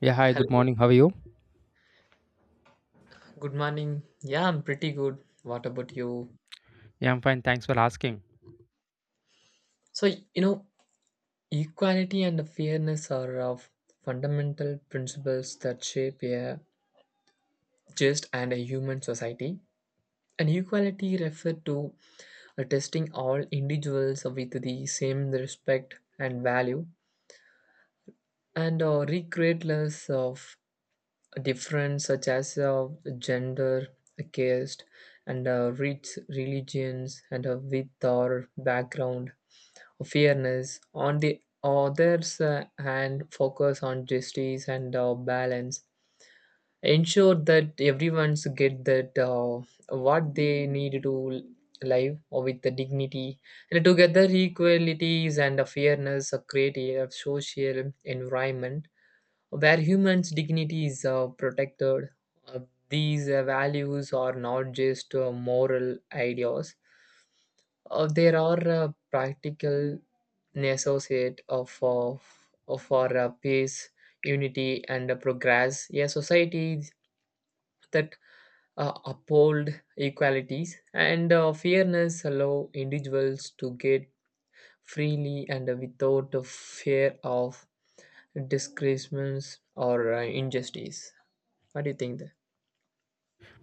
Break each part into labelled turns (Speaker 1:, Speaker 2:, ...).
Speaker 1: Yeah, hi, good
Speaker 2: Hello,
Speaker 1: morning. How are you?
Speaker 2: good morning. Yeah, I'm pretty good. What about you?
Speaker 1: Yeah, I'm fine. Thanks for asking.
Speaker 2: So, equality and fairness are of fundamental principles that shape a just and a human society. And equality refer to testing all individuals with the same respect and value, and regardless of difference such as gender, caste, and race, religions, and with or background fairness. On the other's hand, focus on justice and balance. Ensure that everyone's get that what they need to live or with the dignity. And together, equalities and fairness create a social environment where humans' dignity is protected. Uh, these values are not just moral ideas there are practical associate of our peace, unity, and progress. A society that uphold equalities and fairness allow individuals to get freely and without the fear of discriminations or injustice. What do you think? There?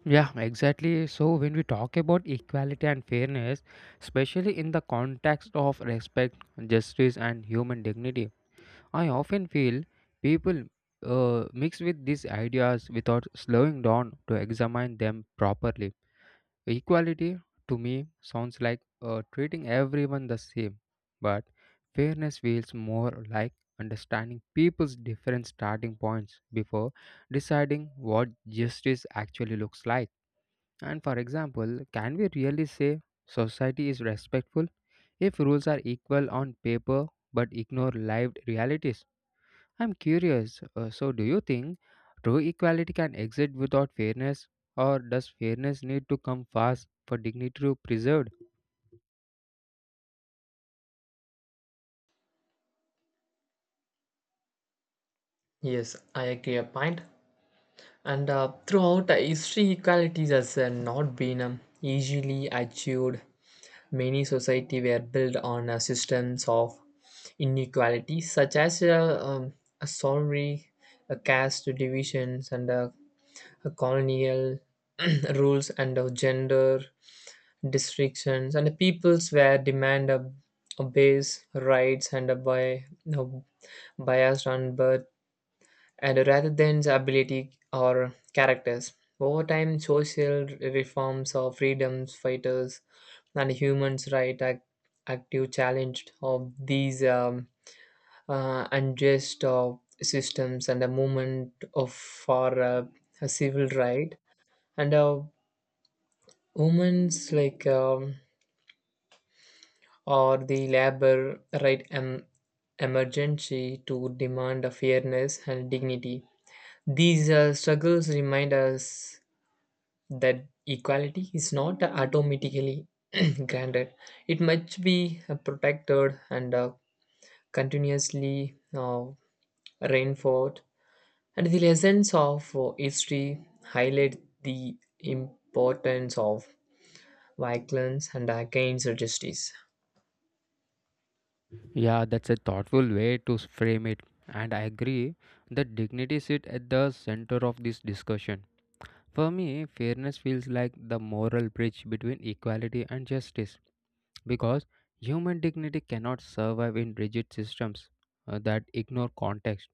Speaker 1: Yeah, exactly. So, when we talk about equality and fairness, especially in the context of respect, justice, and human dignity, I often feel people mix with these ideas without slowing down to examine them properly. Equality to me sounds like treating everyone the same, but fairness feels more like understanding people's different starting points before deciding what justice actually looks like. And for example, can we really say society is respectful if rules are equal on paper but ignore lived realities? I'm curious. So, do you think true equality can exist without fairness, or does fairness need to come first for dignity to be preserved?
Speaker 2: Yes, I agree a point. And throughout history, equalities has not been easily achieved. Many societies were built on a systems of inequality, such as a salary, a caste divisions, and a colonial rules and gender restrictions. And the peoples were demand a base rights and a by no biased on birth and rather than the ability or characters. Over time, social reforms or freedom fighters and humans right act, active challenge of these unjust systems and the movement of for a civil right and women's like or the labor emergency to demand a fairness and dignity. These struggles remind us that equality is not automatically granted. It must be protected and continuously rainford. And the lessons of history highlight the importance of violence and against justice.
Speaker 1: Yeah, that's a thoughtful way to frame it, and I agree that dignity sits at the center of this discussion. For me, fairness feels like the moral bridge between equality and justice because human dignity cannot survive in rigid systems that ignore context.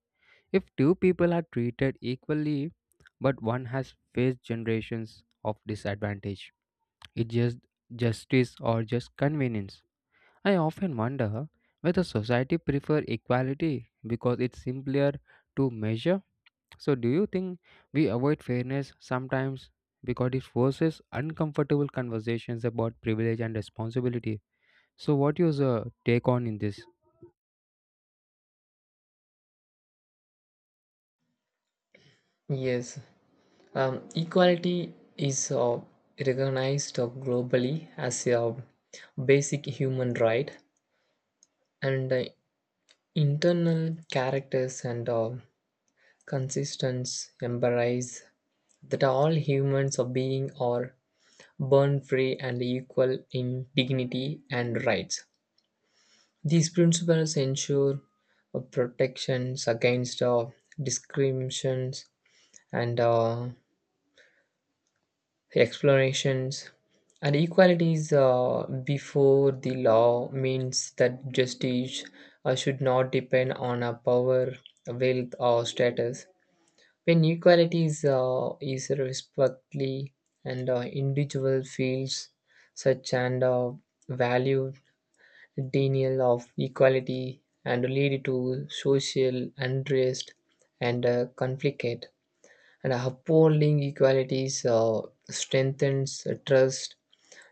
Speaker 1: If two people are treated equally, but one has faced generations of disadvantage, it's just justice or just convenience. I often wonder whether society prefer equality because it's simpler to measure. So do you think we avoid fairness sometimes because it forces uncomfortable conversations about privilege and responsibility? So what is your take on in this?
Speaker 2: Yes. Equality is recognized globally as a basic human right, and internal characters and consistence embrace that all humans are being are born free and equal in dignity and rights. These principles ensure protections against discriminations and explanations. And equality is before the law means that justice should not depend on a power, wealth, or status. When equality is respectfully and individual feels such and value denial of equality and lead to social unrest and conflict. And upholding equalities strengthens trust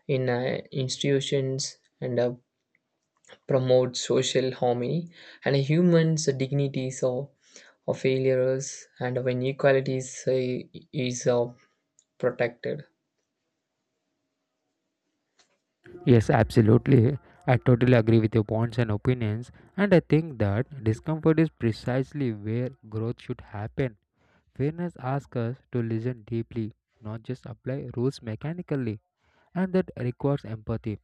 Speaker 2: in institutions and promotes social harmony and humans' dignity. So, of failures and when equality is protected.
Speaker 1: Yes, absolutely. I totally agree with your points and opinions, and I think that discomfort is precisely where growth should happen. Fairness asks us to listen deeply, not just apply rules mechanically, and that requires empathy.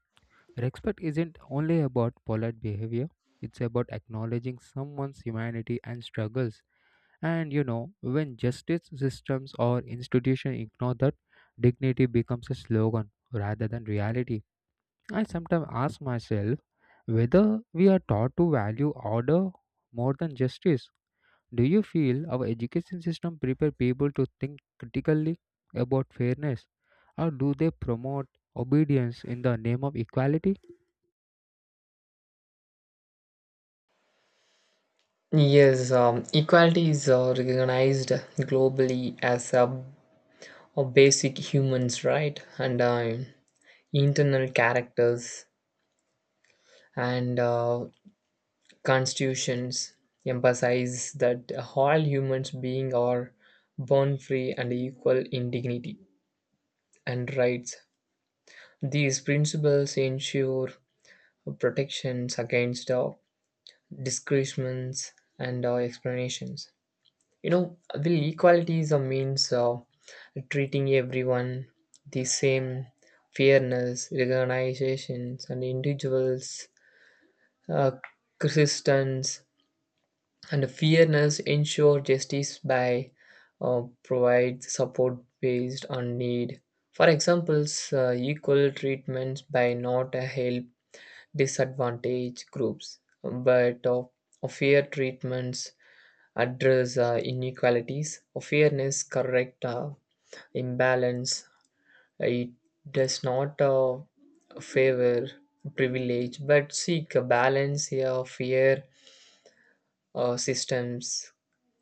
Speaker 1: Respect isn't only about polite behavior, it's about acknowledging someone's humanity and struggles. And you know, when justice systems or institutions ignore that, dignity becomes a slogan rather than reality. I sometimes ask myself whether we are taught to value order more than justice. Do you feel our education system prepare people to think critically about fairness, or do they promote obedience in the name of equality?
Speaker 2: Yes, equality is recognized globally as a of basic humans, right? And internal characters and constitutions emphasize that all humans beings are born free and equal in dignity and rights. These principles ensure protections against discouragements and explanations. You know the equality is a means of treating everyone the same. Fairness organizations and individuals uh, resistance and fairness ensure justice by provide support based on need. For example, equal treatment by not help disadvantaged groups but of fair treatments address inequalities of fairness correct imbalance. It does not favor privilege but seek a balance here of fair systems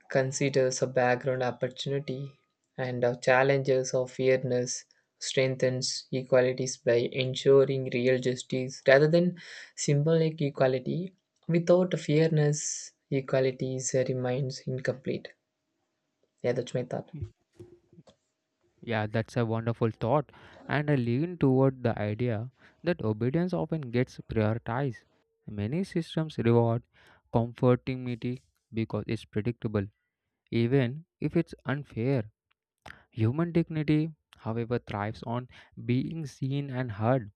Speaker 2: considers a background opportunity and challenges of fairness strengthens equalities by ensuring real justice rather than symbolic equality. Without fairness equalities remains incomplete. Yeah, that's my thought.
Speaker 1: Mm. Yeah, that's a wonderful thought, and I lean toward the idea that obedience often gets prioritized. Many systems reward conformity because it's predictable, even if it's unfair. Human dignity, however, thrives on being seen and heard,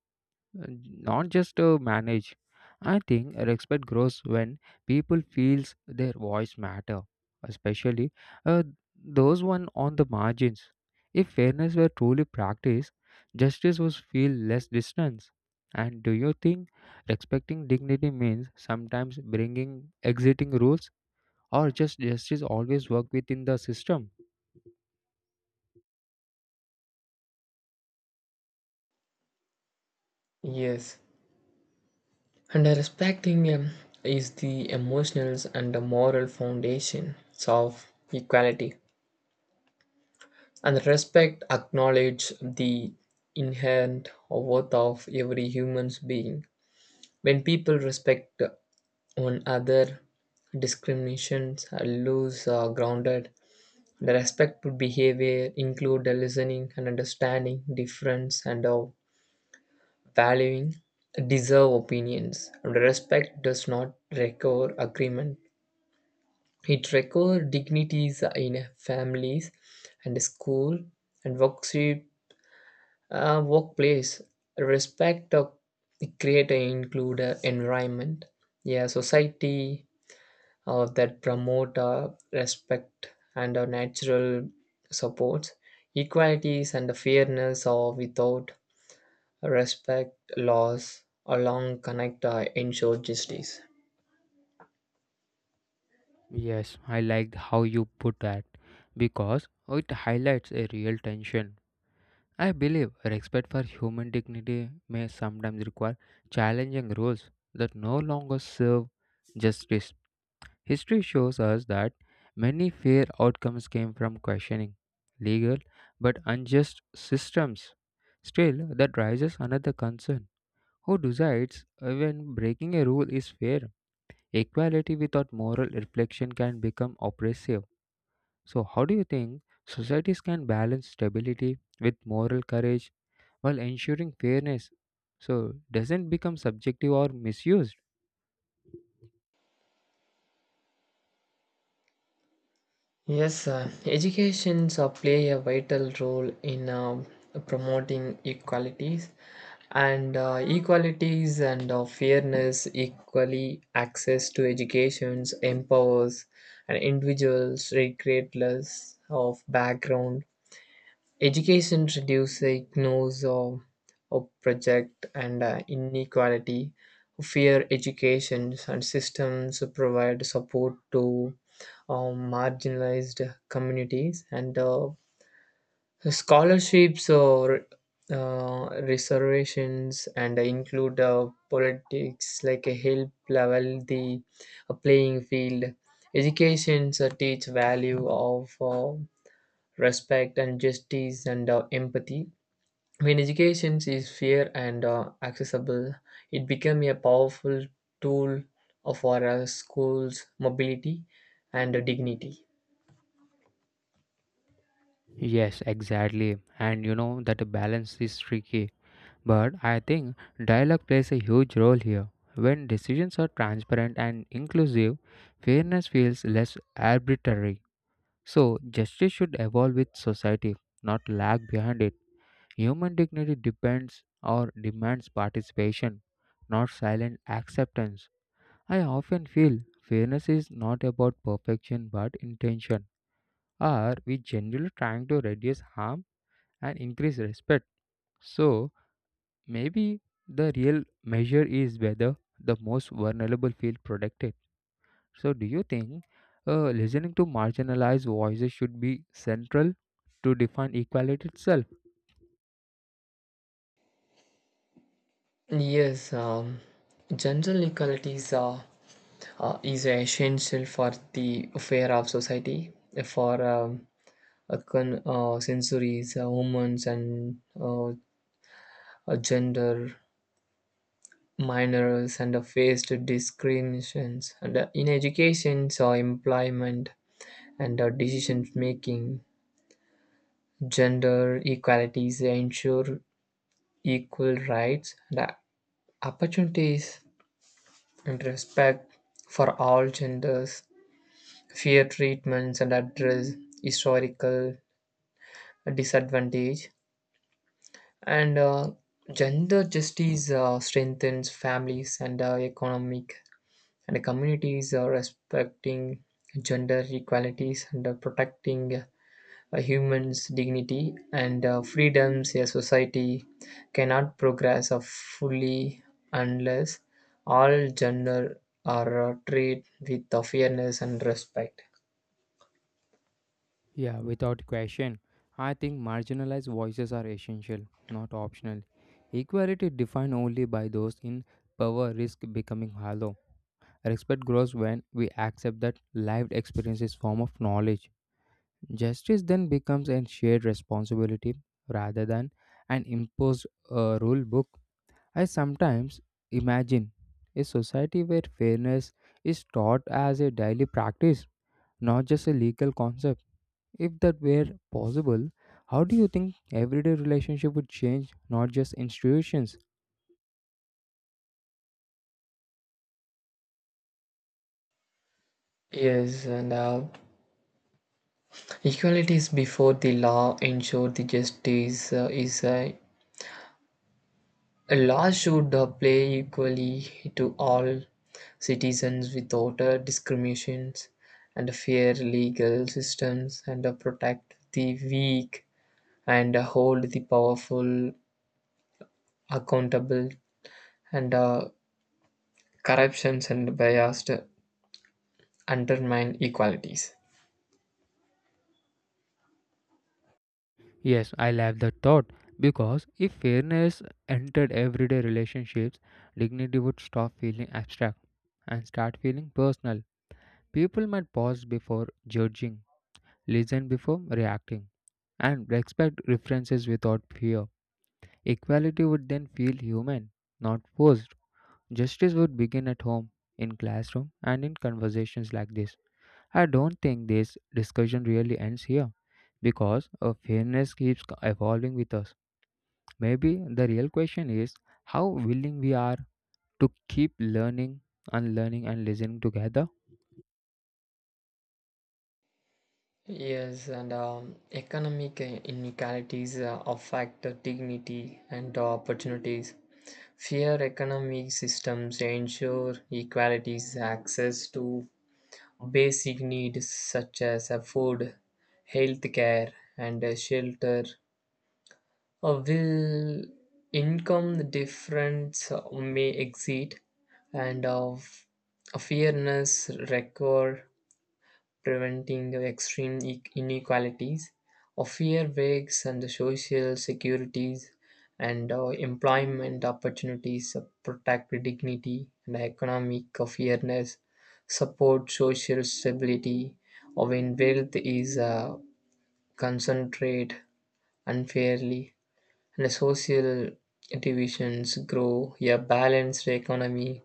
Speaker 1: not just managed. I think respect grows when people feels their voice matter, especially uh, those one on the margins. If fairness were truly practiced, justice would feel less distance. And do you think respecting dignity means sometimes bringing exiting rules or just justice always work within the system?
Speaker 2: Yes, and respecting him is the emotional and the moral foundations of equality. And respect acknowledge the inherent worth of every human being. When people respect one another, discriminations are loose or grounded. The respectful behavior include the listening and understanding difference and valuing deserve opinions. Respect does not require agreement. It requires dignities in families and school and workplace. Respect of create an include a environment, yeah, society that promote respect and natural supports, equalities and fairness or without respect laws along connect ensure justice.
Speaker 1: Yes, I liked how you put that because it highlights a real tension. I believe respect for human dignity may sometimes require challenging rules that no longer serve justice. History shows us that many fair outcomes came from questioning legal but unjust systems. Still, that raises another concern. Who decides when breaking a rule is fair? Equality without moral reflection can become oppressive. So, how do you think societies can balance stability with moral courage while ensuring fairness? So, doesn't become subjective or misused?
Speaker 2: Yes, educations play a vital role in promoting equalities and fairness equally access to educations empowers and individuals regardless of background. Education reduces ignorance of project and inequality. Fair education and systems provide support to marginalized communities and scholarships or reservations and include politics like a help level the playing field. Education teach value of respect and justice and empathy. When education is fair and accessible it becomes a powerful tool for our schools mobility and dignity.
Speaker 1: Yes, exactly. And you know that a balance is tricky. But I think dialogue plays a huge role here. When decisions are transparent and inclusive, fairness feels less arbitrary. So, justice should evolve with society, not lag behind it. Human dignity depends or demands participation, not silent acceptance. I often feel fairness is not about perfection but intention. Are we generally trying to reduce harm and increase respect? So, maybe the real measure is whether the most vulnerable feel protected. So, do you think listening to marginalized voices should be central to define equality itself?
Speaker 2: Yes, gender equality is essential for the fair of society for a sensories humans and gender minors and faced discriminations and in education so employment and decision-making. Gender equalities ensure equal rights and opportunities and respect for all genders, fair treatments and address historical disadvantage. And gender justice strengthens families and economic and communities respecting gender equalities and protecting a human's dignity and freedoms a society cannot progress of fully unless all gender are treated with fairness and respect.
Speaker 1: Yeah, without question. I think marginalized voices are essential, not optional. Equality defined only by those in power risks becoming hollow. Respect grows when we accept that lived experience is form of knowledge. Justice then becomes a shared responsibility rather than an imposed rule book. I sometimes imagine a society where fairness is taught as a daily practice, not just a legal concept. If that were possible, how do you think everyday relationship would change, not just institutions?
Speaker 2: Yes, and equality is before the law ensure the justice is a law should play equally to all citizens without discriminations and fair legal systems and protect the weak and hold the powerful accountable and corruptions and biased undermine equalities.
Speaker 1: Yes, I love that thought because if fairness entered everyday relationships, dignity would stop feeling abstract and start feeling personal. People might pause before judging, listen before reacting, and respect references without fear. Equality would then feel human, not forced. Justice would begin at home, in classroom, and in conversations like this. I don't think this discussion really ends here because fairness keeps evolving with us. Maybe the real question is how willing we are to keep learning, unlearning, and listening together.
Speaker 2: Yes, and economic inequalities affect dignity and opportunities. Fair economic systems ensure equalities access to basic needs such as food, health care, and shelter. Will income difference may exceed and of a fairness record preventing extreme inequalities of fair wages and the social securities and employment opportunities protect the dignity and economic fairness support social stability or when wealth is concentrated unfairly and social divisions grow, a balanced economy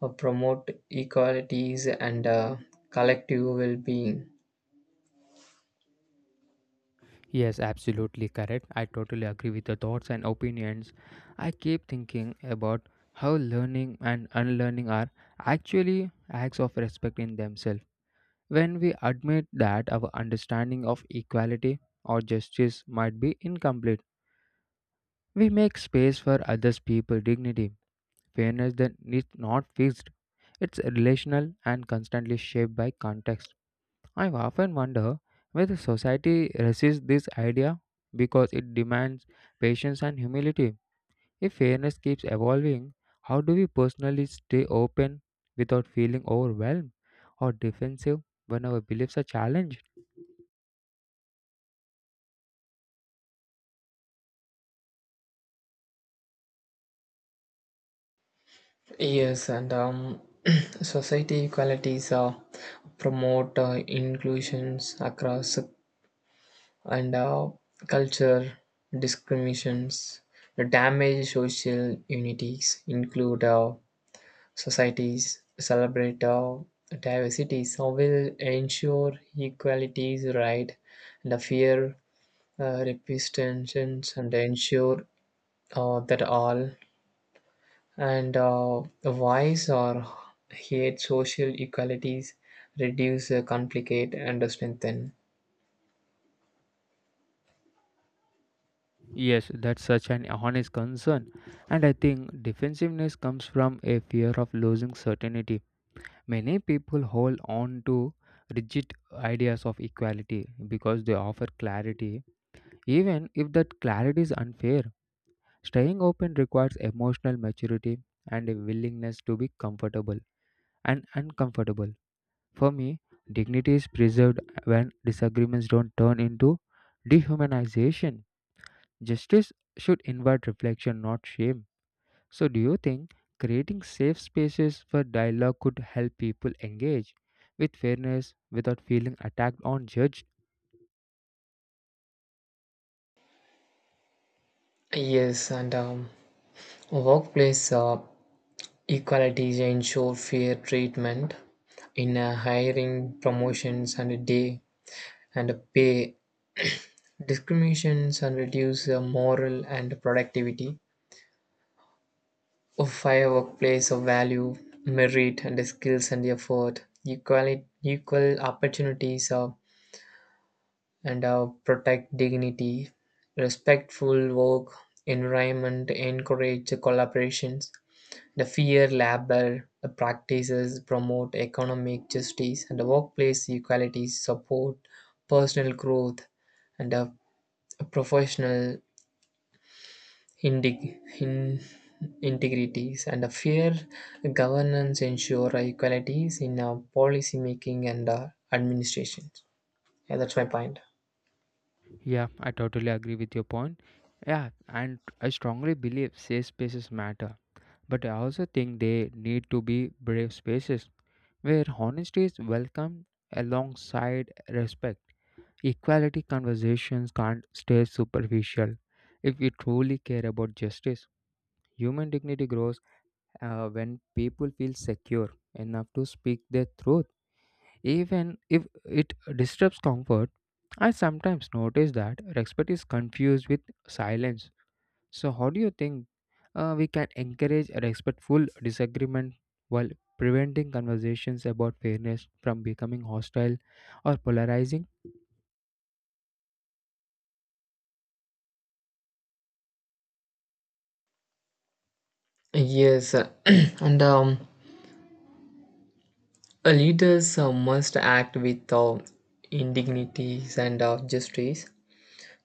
Speaker 2: promote equalities and collective well-being.
Speaker 1: Yes, absolutely correct. I totally agree with your thoughts and opinions. I keep thinking about how learning and unlearning are actually acts of respect in themselves. When we admit that our understanding of equality or justice might be incomplete, we make space for others' people dignity. Fairness then is not fixed. It's relational and constantly shaped by context. I've often wondered whether society resists this idea because it demands patience and humility. If fairness keeps evolving, how do we personally stay open without feeling overwhelmed or defensive when our beliefs are challenged?
Speaker 2: Yes, and society equalities promote inclusions across and culture discriminations. The damage social unities include societies celebrate diversity, so will ensure equality is right and a fair representation and ensure that all and voice or hate social equalities reduce, complicate, and strengthen.
Speaker 1: Yes, that's such an honest concern, and I think defensiveness comes from a fear of losing certainty. Many people hold on to rigid ideas of equality because they offer clarity. Even if that clarity is unfair, staying open requires emotional maturity and a willingness to be comfortable and uncomfortable. For me, dignity is preserved when disagreements don't turn into dehumanization. Justice should invite reflection, not shame. So, do you think creating safe spaces for dialogue could help people engage with fairness without feeling attacked or judged?
Speaker 2: Yes, and workplace equalities ensure fair treatment in hiring, promotions, and day and pay. Discriminations and reduce the moral and productivity of fair workplace of value, merit, and the skills and the effort, equality, equal opportunities of, and protect dignity, respectful work environment, encourage collaborations, the fair labor practices, promote economic justice, and the workplace equality support personal growth and professional Integ in- integrities and a fair governance ensure equalities in policy making and administration. Yeah, that's my point.
Speaker 1: Yeah, I totally agree with your point. Yeah, and I strongly believe safe spaces matter, but I also think they need to be brave spaces where honesty is welcomed alongside respect. Equality conversations can't stay superficial. If we truly care about justice, human dignity grows when people feel secure enough to speak their truth. Even if it disturbs comfort, I sometimes notice that respect is confused with silence. So, how do you think we can encourage respectful disagreement while preventing conversations about fairness from becoming hostile or polarizing?
Speaker 2: Yes, and leaders must act with indignities and justice.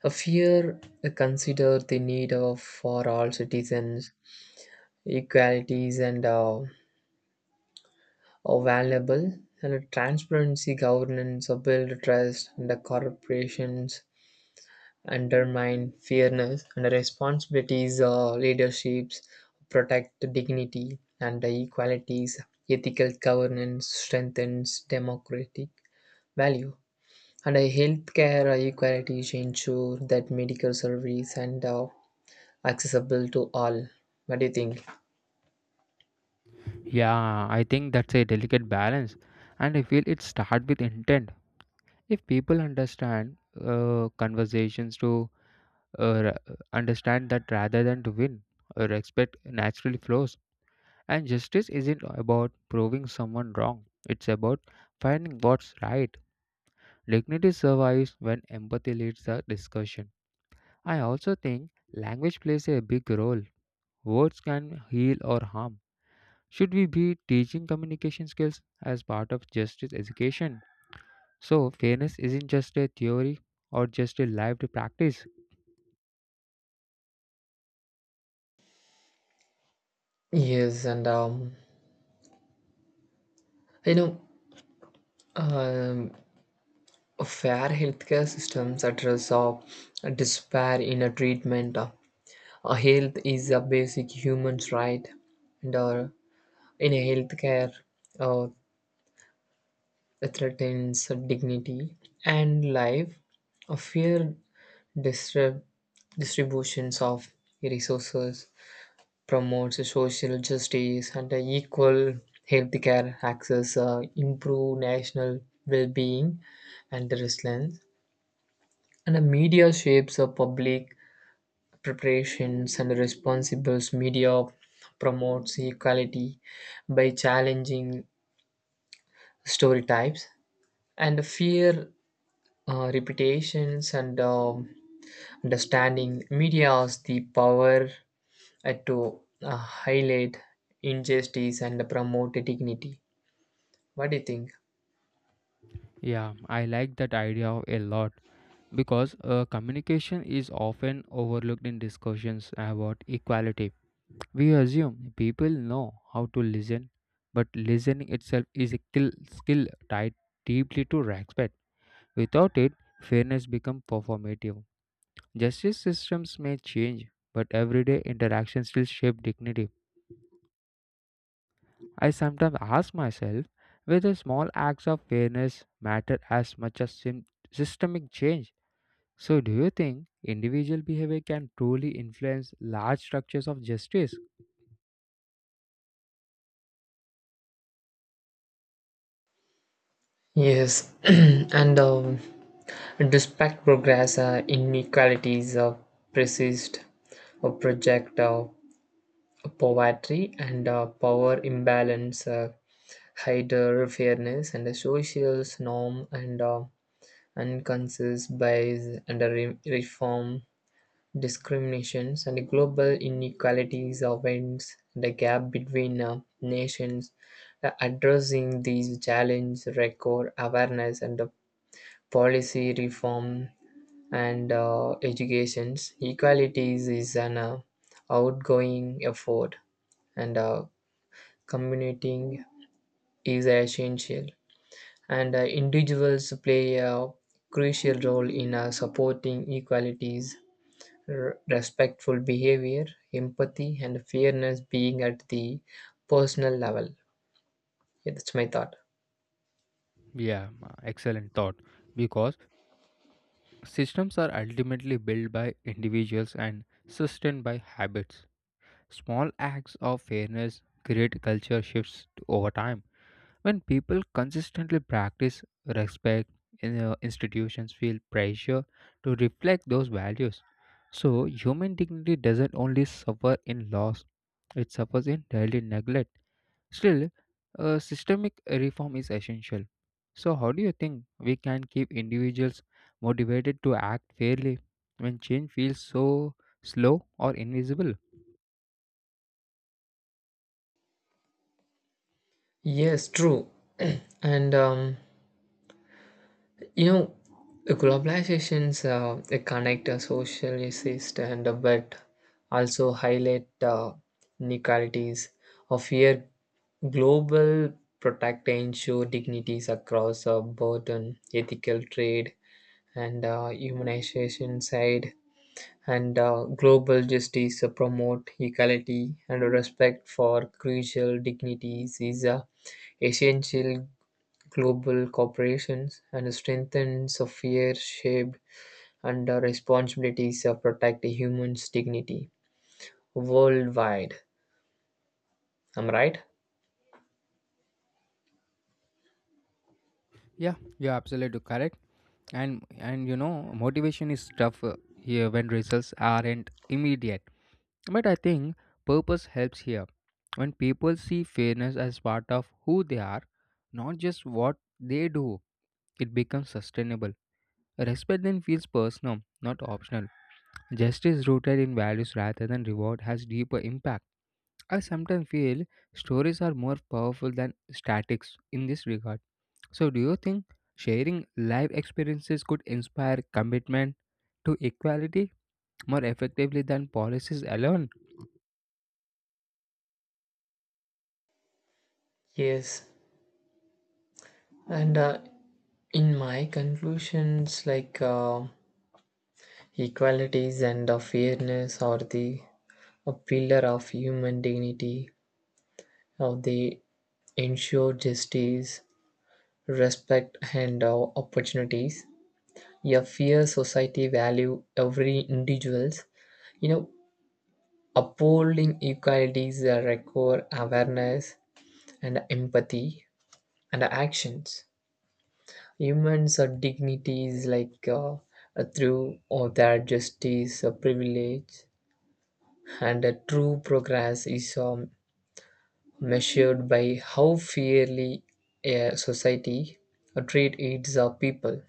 Speaker 2: A fear consider the need of for all citizens equalities and are valuable. And a transparency governance or build trust and the corporations undermine fairness and the responsibilities or leaderships protect the dignity and the equalities. Ethical governance strengthens democratic value. And a healthcare equalities ensure that medical service and accessible to all. What do you think?
Speaker 1: Yeah, I think that's a delicate balance, and I feel it starts with intent. If people understand conversations to understand that rather than to win, respect naturally flows. And justice isn't about proving someone wrong, it's about finding what's right. Dignity survives when empathy leads the discussion. I also think language plays a big role. Words can heal or harm. Should we be teaching communication skills as part of justice education? So, fairness isn't just a theory or just a lived practice.
Speaker 2: Yes, and you know, um, fair healthcare systems address despair in a treatment. Health is a basic human right, and in a healthcare, uh, threatens dignity and life. A fair distrib- distributions of resources promotes social justice and equal healthcare access, improve national well-being and resilience. And the media shapes the public preparations, and the responsible media promotes equality by challenging story types and fear reputations and understanding media has the power to highlight injustice and promote dignity. What do you think?
Speaker 1: Yeah, I like that idea a lot because communication is often overlooked in discussions about equality. We assume people know how to listen, but listening itself is still tied deeply to respect. Without it, fairness becomes performative. Justice systems may change, but everyday interactions still shape dignity. I sometimes ask myself whether small acts of fairness matter as much as systemic change. So, do you think individual behavior can truly influence large structures of justice?
Speaker 2: Yes, and despite progress, inequalities persist or project poverty and power imbalance, heightened fairness, and the social norm and unconscious bias, and reform discriminations, and the global inequalities events the gap between nations. The addressing these challenges record awareness and policy reform and educations. Equalities is an outgoing effort and communicating is essential, and individuals play a crucial role in supporting equalities, respectful behavior, empathy, and fairness being at the personal level. Yeah, that's my thought.
Speaker 1: Yeah, excellent thought. Because systems are ultimately built by individuals and sustained by habits. Small acts of fairness create culture shifts over time. When people consistently practice respect, institutions feel pressure to reflect those values. So, human dignity doesn't only suffer in loss, it suffers in daily neglect. Still, a systemic reform is essential. So, how do you think we can keep individuals motivated to act fairly when change feels so slow or invisible?
Speaker 2: Yes, true. And you know, globalizations they connect a social issues and but also highlight inequalities of here. Global protect and ensure dignities across a both on ethical trade and humanization side, and global justice promote equality and respect for crucial dignities is essential global corporations, and strengthens a fair share and the responsibilities of protecting humans' dignity worldwide. Am I right?
Speaker 1: Yeah, you're absolutely correct. And you know, motivation is tough here when results aren't immediate. But I think purpose helps here. When people see fairness as part of who they are, not just what they do, it becomes sustainable. Respect then feels personal, not optional. Justice rooted in values rather than reward has deeper impact. I sometimes feel stories are more powerful than statics in this regard. So, do you think sharing life experiences could inspire commitment to equality more effectively than policies alone?
Speaker 2: Yes, and in my conclusions, like equalities and fairness are the a pillar of human dignity. How they ensure justice, respect, and opportunities. A fair society value every individuals. You know, upholding equalities requires awareness and empathy and actions. Humans are dignities like through or their justice, privilege, and true progress is measured by how fairly a society treat its people.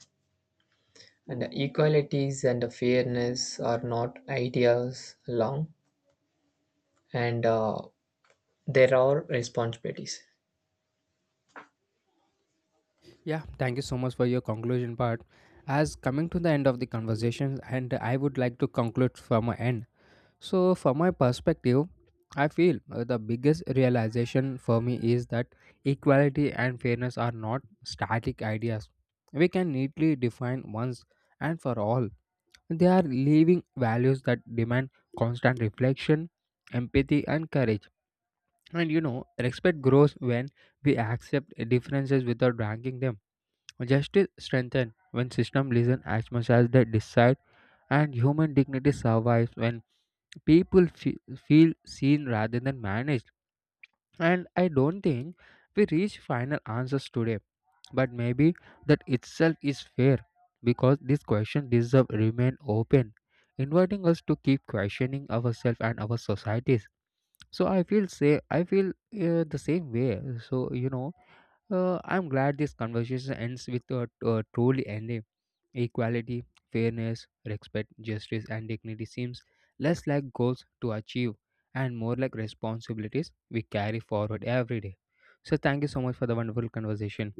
Speaker 2: And equalities and fairness are not ideas alone, and there are responsibilities.
Speaker 1: Yeah, thank you so much for your conclusion part. As coming to the end of the conversation, and I would like to conclude from my end. So, from my perspective, I feel the biggest realization for me is that equality and fairness are not static ideas. We can neatly define once and for all. They are living values that demand constant reflection, empathy, and courage. And you know, respect grows when we accept differences without ranking them. Justice strengthens when systems listen as much as they decide, and human dignity survives when people feel seen rather than managed. And I don't think we reach final answers today, but maybe that itself is fair because this question deserve remain open, inviting us to keep questioning ourselves and our societies. So I feel the same way. So you know, I'm glad this conversation ends with a truly ending. Equality, fairness, respect, justice, and dignity seems less like goals to achieve and more like responsibilities we carry forward every day. So, thank you so much for the wonderful conversation.